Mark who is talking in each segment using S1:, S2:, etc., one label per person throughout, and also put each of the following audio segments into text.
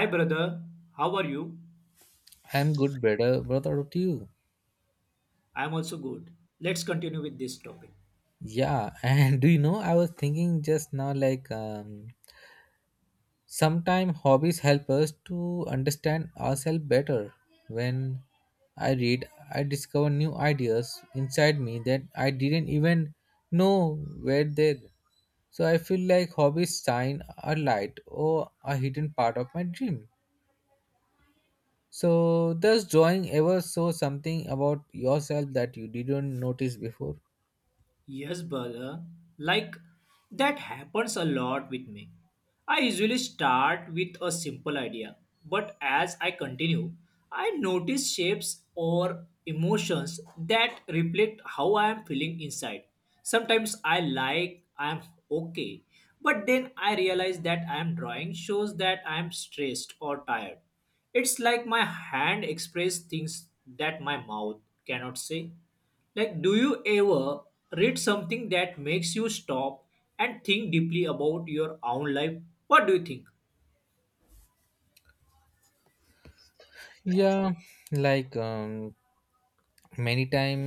S1: Hi, brother. How are you?
S2: I'm good, brother. What about you?
S1: I am also good. Let's continue with this topic.
S2: Yeah, and do you know? I was thinking just now, sometimes hobbies help us to understand ourselves better. When I read, I discover new ideas inside me that I didn't even know were there. So I feel like hobbies shine a light or a hidden part of my dream. So does drawing ever show something about yourself that you didn't notice before?
S1: Yes, brother. Like that happens a lot with me. I usually start with a simple idea, but as I continue, I notice shapes or emotions that reflect how I am feeling inside. Sometimes I like I am okay, but then I realize that I am drawing shows that I am stressed or tired. It's like my hand expresses things that my mouth cannot say. Like, do you ever read something that makes you stop and think deeply about your own life? What do you think?
S2: Yeah, like many time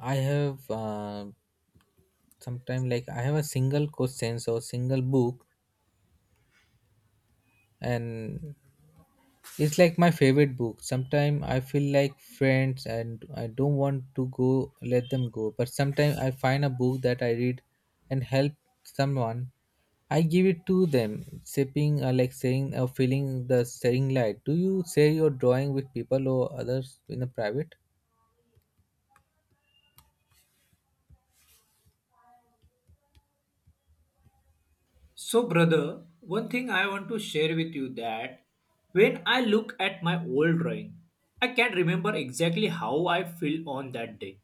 S2: I have sometime like I have a single questions or single book, and it's like my favorite book. Sometimes I feel like friends and I don't want to go let them go, but sometimes I find a book that I read and help someone, I give it to them sipping, like saying or feeling the sharing light. Do you share your drawing with people or others in a private?
S1: So, brother, one thing I want to share with you that when I look at my old drawing, I can't remember exactly how I feel on that day.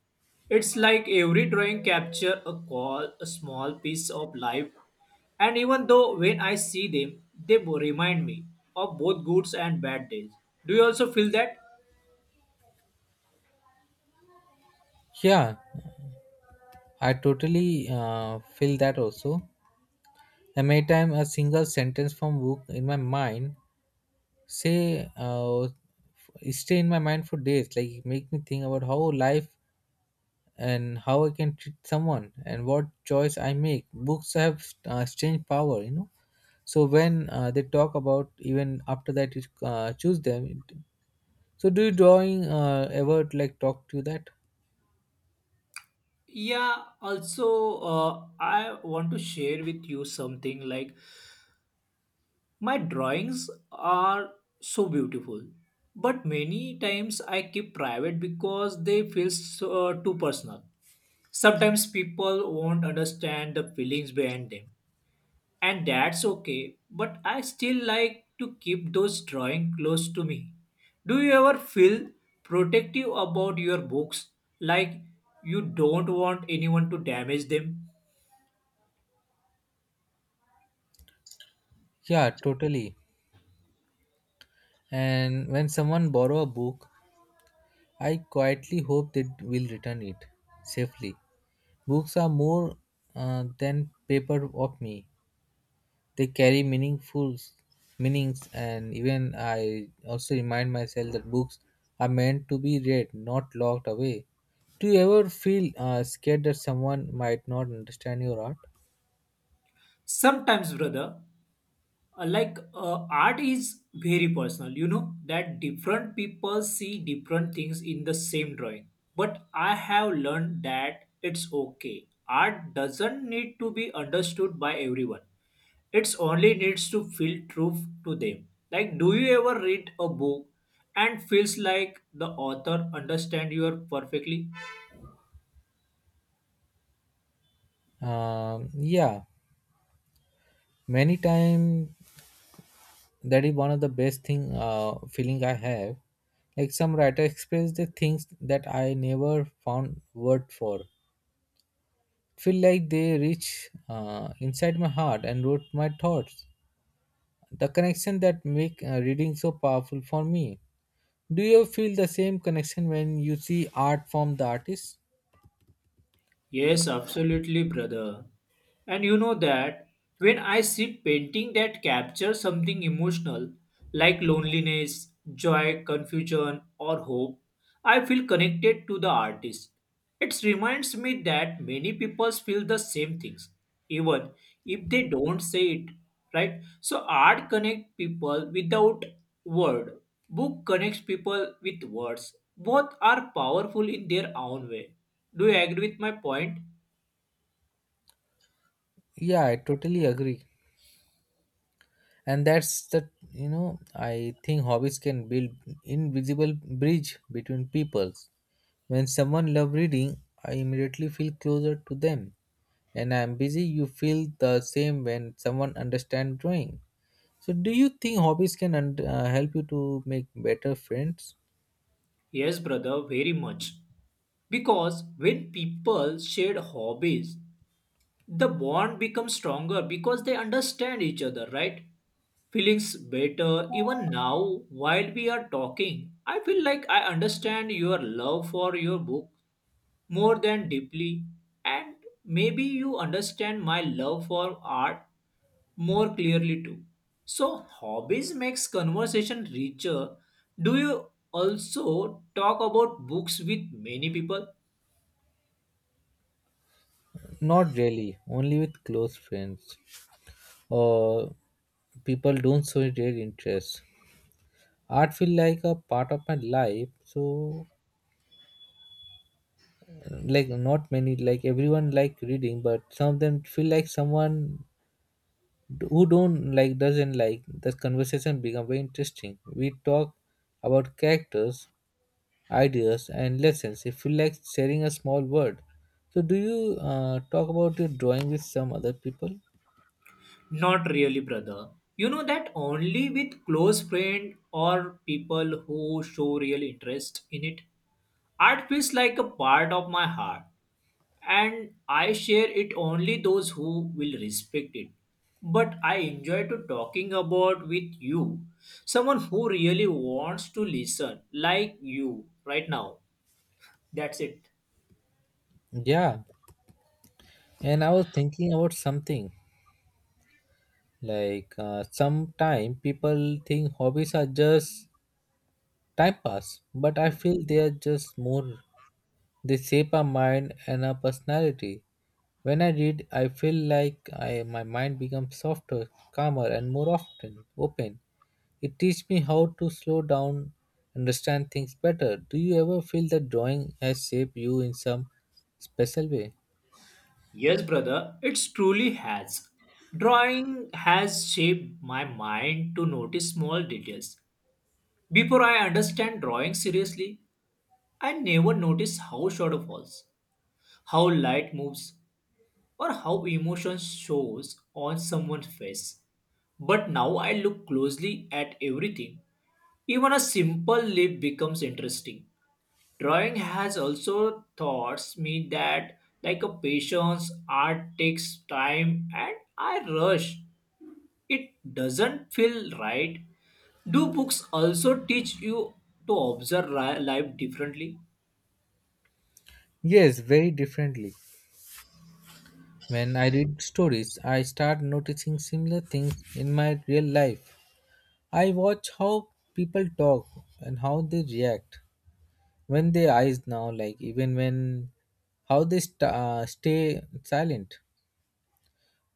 S1: It's like every drawing capture a call, a small piece of life, and even though when I see them, they remind me of both good and bad days. Do you also feel that?
S2: Yeah, I totally feel that also. And many time a single sentence from book in my mind say uh, f- stay in my mind for days. Like it make me think about how life and how I can treat someone and what choice I make. Books have strange power, you know. So when they talk about even after that you choose them. So do you drawing ever like talk to that?
S1: Yeah, also, I want to share with you something like my drawings are so beautiful, but many times I keep private because they feel so, too personal. Sometimes people won't understand the feelings behind them, and that's okay, but I still like to keep those drawings close to me. Do you ever feel protective about your books, like you don't want anyone to damage them?
S2: Yeah, totally. And when someone borrow a book, I quietly hope they will return it safely. Books are more than paper of me. They carry meaningful meanings, and even I also remind myself that books are meant to be read, not locked away. Do you ever feel scared that someone might not understand your art?
S1: Sometimes, brother, like art is very personal. You know that different people see different things in the same drawing. But I have learned that it's okay. Art doesn't need to be understood by everyone. It's only needs to feel true to them. Like, do you ever read a book and feels like the author understand you perfectly?
S2: Yeah, many times that is one of the best thing feeling I have, like some writer express the things that I never found word for, feel like they reach inside my heart and wrote my thoughts, the connection that make reading so powerful for me. Do you feel the same connection when you see art from the artist?
S1: Yes, absolutely, brother. And you know that when I see painting that capture something emotional like loneliness, joy, confusion, or hope, I feel connected to the artist. It reminds me that many people feel the same things, even if they don't say it, right? So art connects people without word. Book connects people with words. Both are powerful in their own way. Do you agree with my point?
S2: Yeah, I totally agree, and that's the, you know, I think hobbies can build invisible bridge between peoples. When someone loves reading, I immediately feel closer to them. And I'm busy, you feel the same when someone understands drawing. So, do you think hobbies can help you to make better friends?
S1: Yes, brother, very much. Because when people share hobbies, the bond becomes stronger because they understand each other, right? Feelings better even now while we are talking. I feel like I understand your love for your book more than deeply, and maybe you understand my love for art more clearly too. So hobbies makes conversation richer. Do you also talk about books with many people?
S2: Not really, only with close friends or people don't show their interest. Art feel like a part of my life, so like not many like everyone like reading, but some of them feel like someone who don't like doesn't like, the conversation become very interesting. We talk about characters, ideas and lessons. It feel like sharing a small world. So do you talk about your drawing with some other people?
S1: Not really, brother. You know that only with close friend or people who show real interest in it. Art feels like a part of my heart, and I share it only those who will respect it. But I enjoy to talking about with you, someone who really wants to listen, like you right now. That's it.
S2: Yeah, and I was thinking about something, sometime people think hobbies are just time pass, but I feel they are just more. They shape our mind and our personality. When I read, I feel like my mind becomes softer, calmer, and more often open. It teaches me how to slow down, understand things better. Do you ever feel that drawing has shaped you in some special way?
S1: Yes, brother, it truly has. Drawing has shaped my mind to notice small details. Before I understand drawing seriously, I never noticed how shadow falls, how light moves, or how emotion shows on someone's face. But now I look closely at everything. Even a simple leaf becomes interesting. Drawing has also taught me that like a patience, art takes time and I rush. It doesn't feel right. Do books also teach you to observe life differently?
S2: Yes, very differently. When I read stories, I start noticing similar things in my real life. I watch how people talk and how they react, when they eyes now, like even when how they stay silent.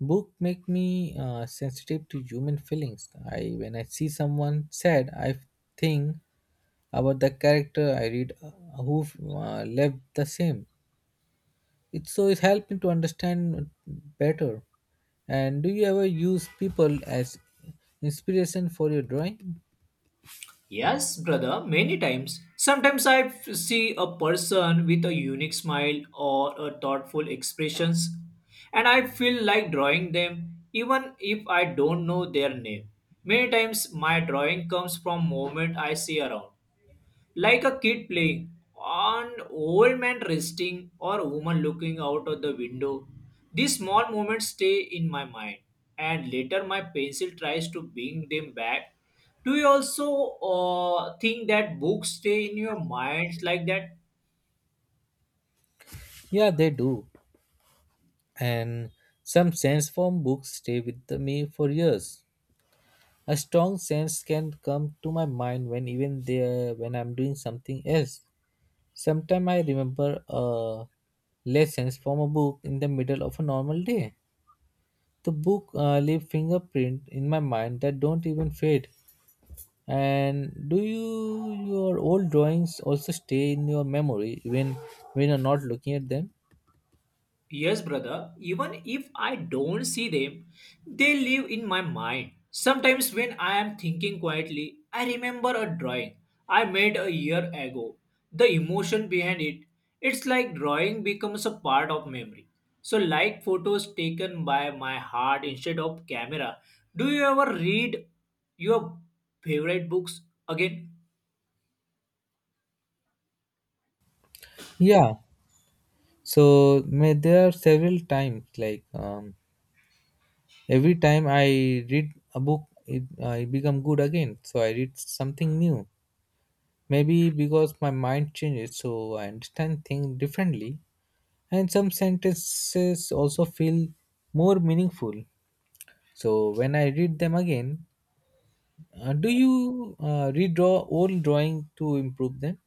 S2: Book make me sensitive to human feelings. I when I see someone sad, I think about the character I read, who left the same. It so it helped me to understand better. And do you ever use people as inspiration for your drawing?
S1: Yes, brother, many times. Sometimes I see a person with a unique smile or a thoughtful expressions and I feel like drawing them even if I don't know their name. Many times my drawing comes from moment I see around like a kid playing, an old man resting, or a woman looking out of the window. These small moments stay in my mind, and later my pencil tries to bring them back. Do you also think that books stay in your minds like that?
S2: Yeah, they do. And some sense from books stay with me for years. A strong sense can come to my mind when even there when I'm doing something else. Sometimes I remember lessons from a book in the middle of a normal day. The book leave fingerprint in my mind that don't even fade. And do you, your old drawings also stay in your memory when you're not looking at them?
S1: Yes, brother, even if I don't see them, they live in my mind. Sometimes when I am thinking quietly, I remember a drawing I made a year ago. The emotion behind it, it's like drawing becomes a part of memory. So like photos taken by my heart instead of camera. Do you ever read your favorite books again?
S2: Yeah. So may there are several times every time I read a book, it I become good again. So I read something new. Maybe because my mind changes, so I understand things differently. And some sentences also feel more meaningful. So when I read them again, do you redraw old drawing to improve them?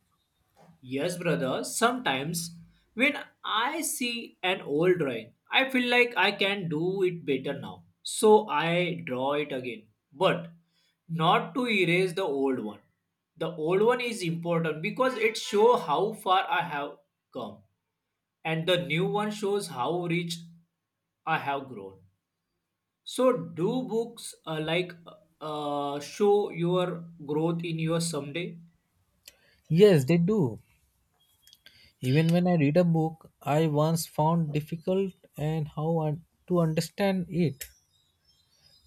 S1: Yes, brother. Sometimes when I see an old drawing, I feel like I can do it better now. So I draw it again. But not to erase the old one. The old one is important because it shows how far I have come. And the new one shows how rich I have grown. So do books like show your growth in your someday?
S2: Yes, they do. Even when I read a book, I once found difficult and how to understand it.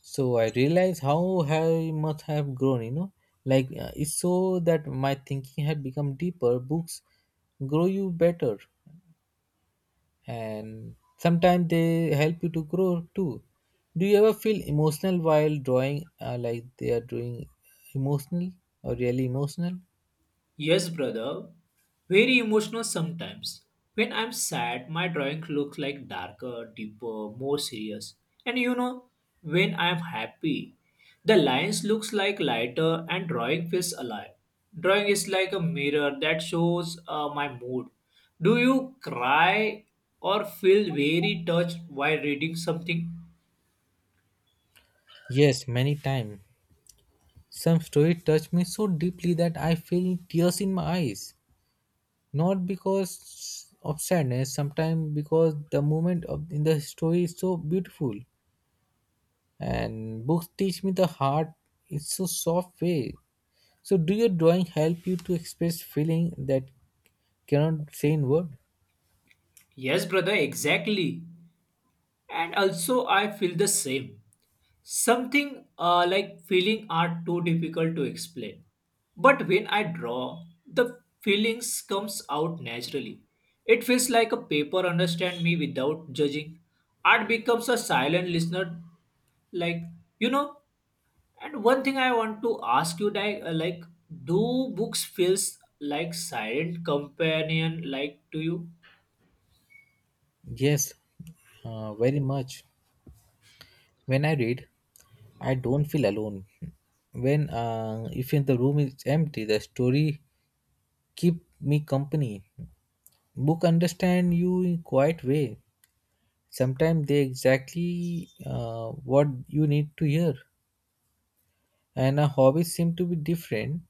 S2: So I realized how I must have grown, you know, it's so that my thinking had become deeper. Books grow you better, and sometimes they help you to grow too. Do you ever feel emotional while drawing, like they are doing emotional or really emotional?
S1: Yes, brother. Very emotional sometimes. When I'm sad, my drawing looks like darker, deeper, more serious. And you know, when I'm happy, the lines looks like lighter and drawing feels alive. Drawing is like a mirror that shows my mood. Do you cry or feel very touched while reading something?
S2: Yes, many times. Some story touched me so deeply that I feel tears in my eyes, not because of sadness, sometimes because the moment of in the story is so beautiful. And books teach me the heart is so soft way. So do your drawing help you to express feeling that cannot say in word?
S1: Yes, brother, exactly. And also I feel the same. Something like feeling are too difficult to explain. But when I draw, the feelings comes out naturally. It feels like a paper understand me without judging. Art becomes a silent listener, like you know. And one thing I want to ask you, like, do books feels like silent companion, like to you?
S2: Yes, very much. When I read I don't feel alone. When, if in the room is empty, the story keep me company. Book understand you in quiet way. Sometimes they exactly what you need to hear. And our hobbies seem to be different,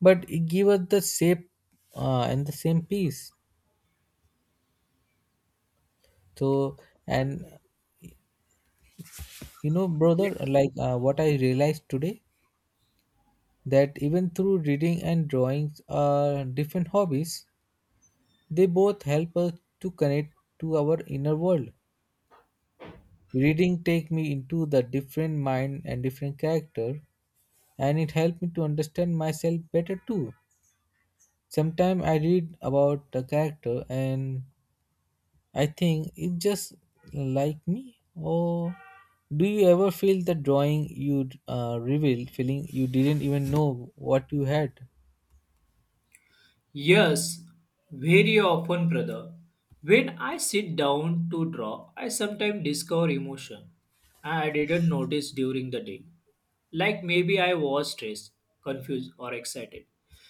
S2: but it give us the same, and the same piece. So, and you know brother, what I realized today, that even through reading and drawings are different hobbies, they both help us to connect to our inner world. Reading take me into the different mind and different character, and it helped me to understand myself better too. Sometimes I read about the character and I think it's just like me. Or do you ever feel the drawing you revealed, feeling you didn't even know what you had?
S1: Yes, very often, brother. When I sit down to draw, I sometimes discover emotion I didn't notice during the day. Like maybe I was stressed, confused, or excited.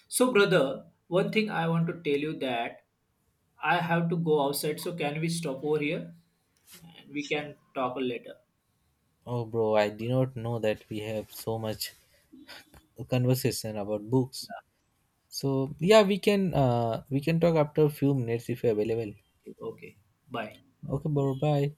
S1: So, brother, one thing I want to tell you that I have to go outside. So, can we stop over here? And we can talk later.
S2: Oh, bro, I did not know that we have so much conversation about books. So yeah, we can we can talk after a few minutes if you're available.
S1: Okay, bye.
S2: Okay, bro, bye.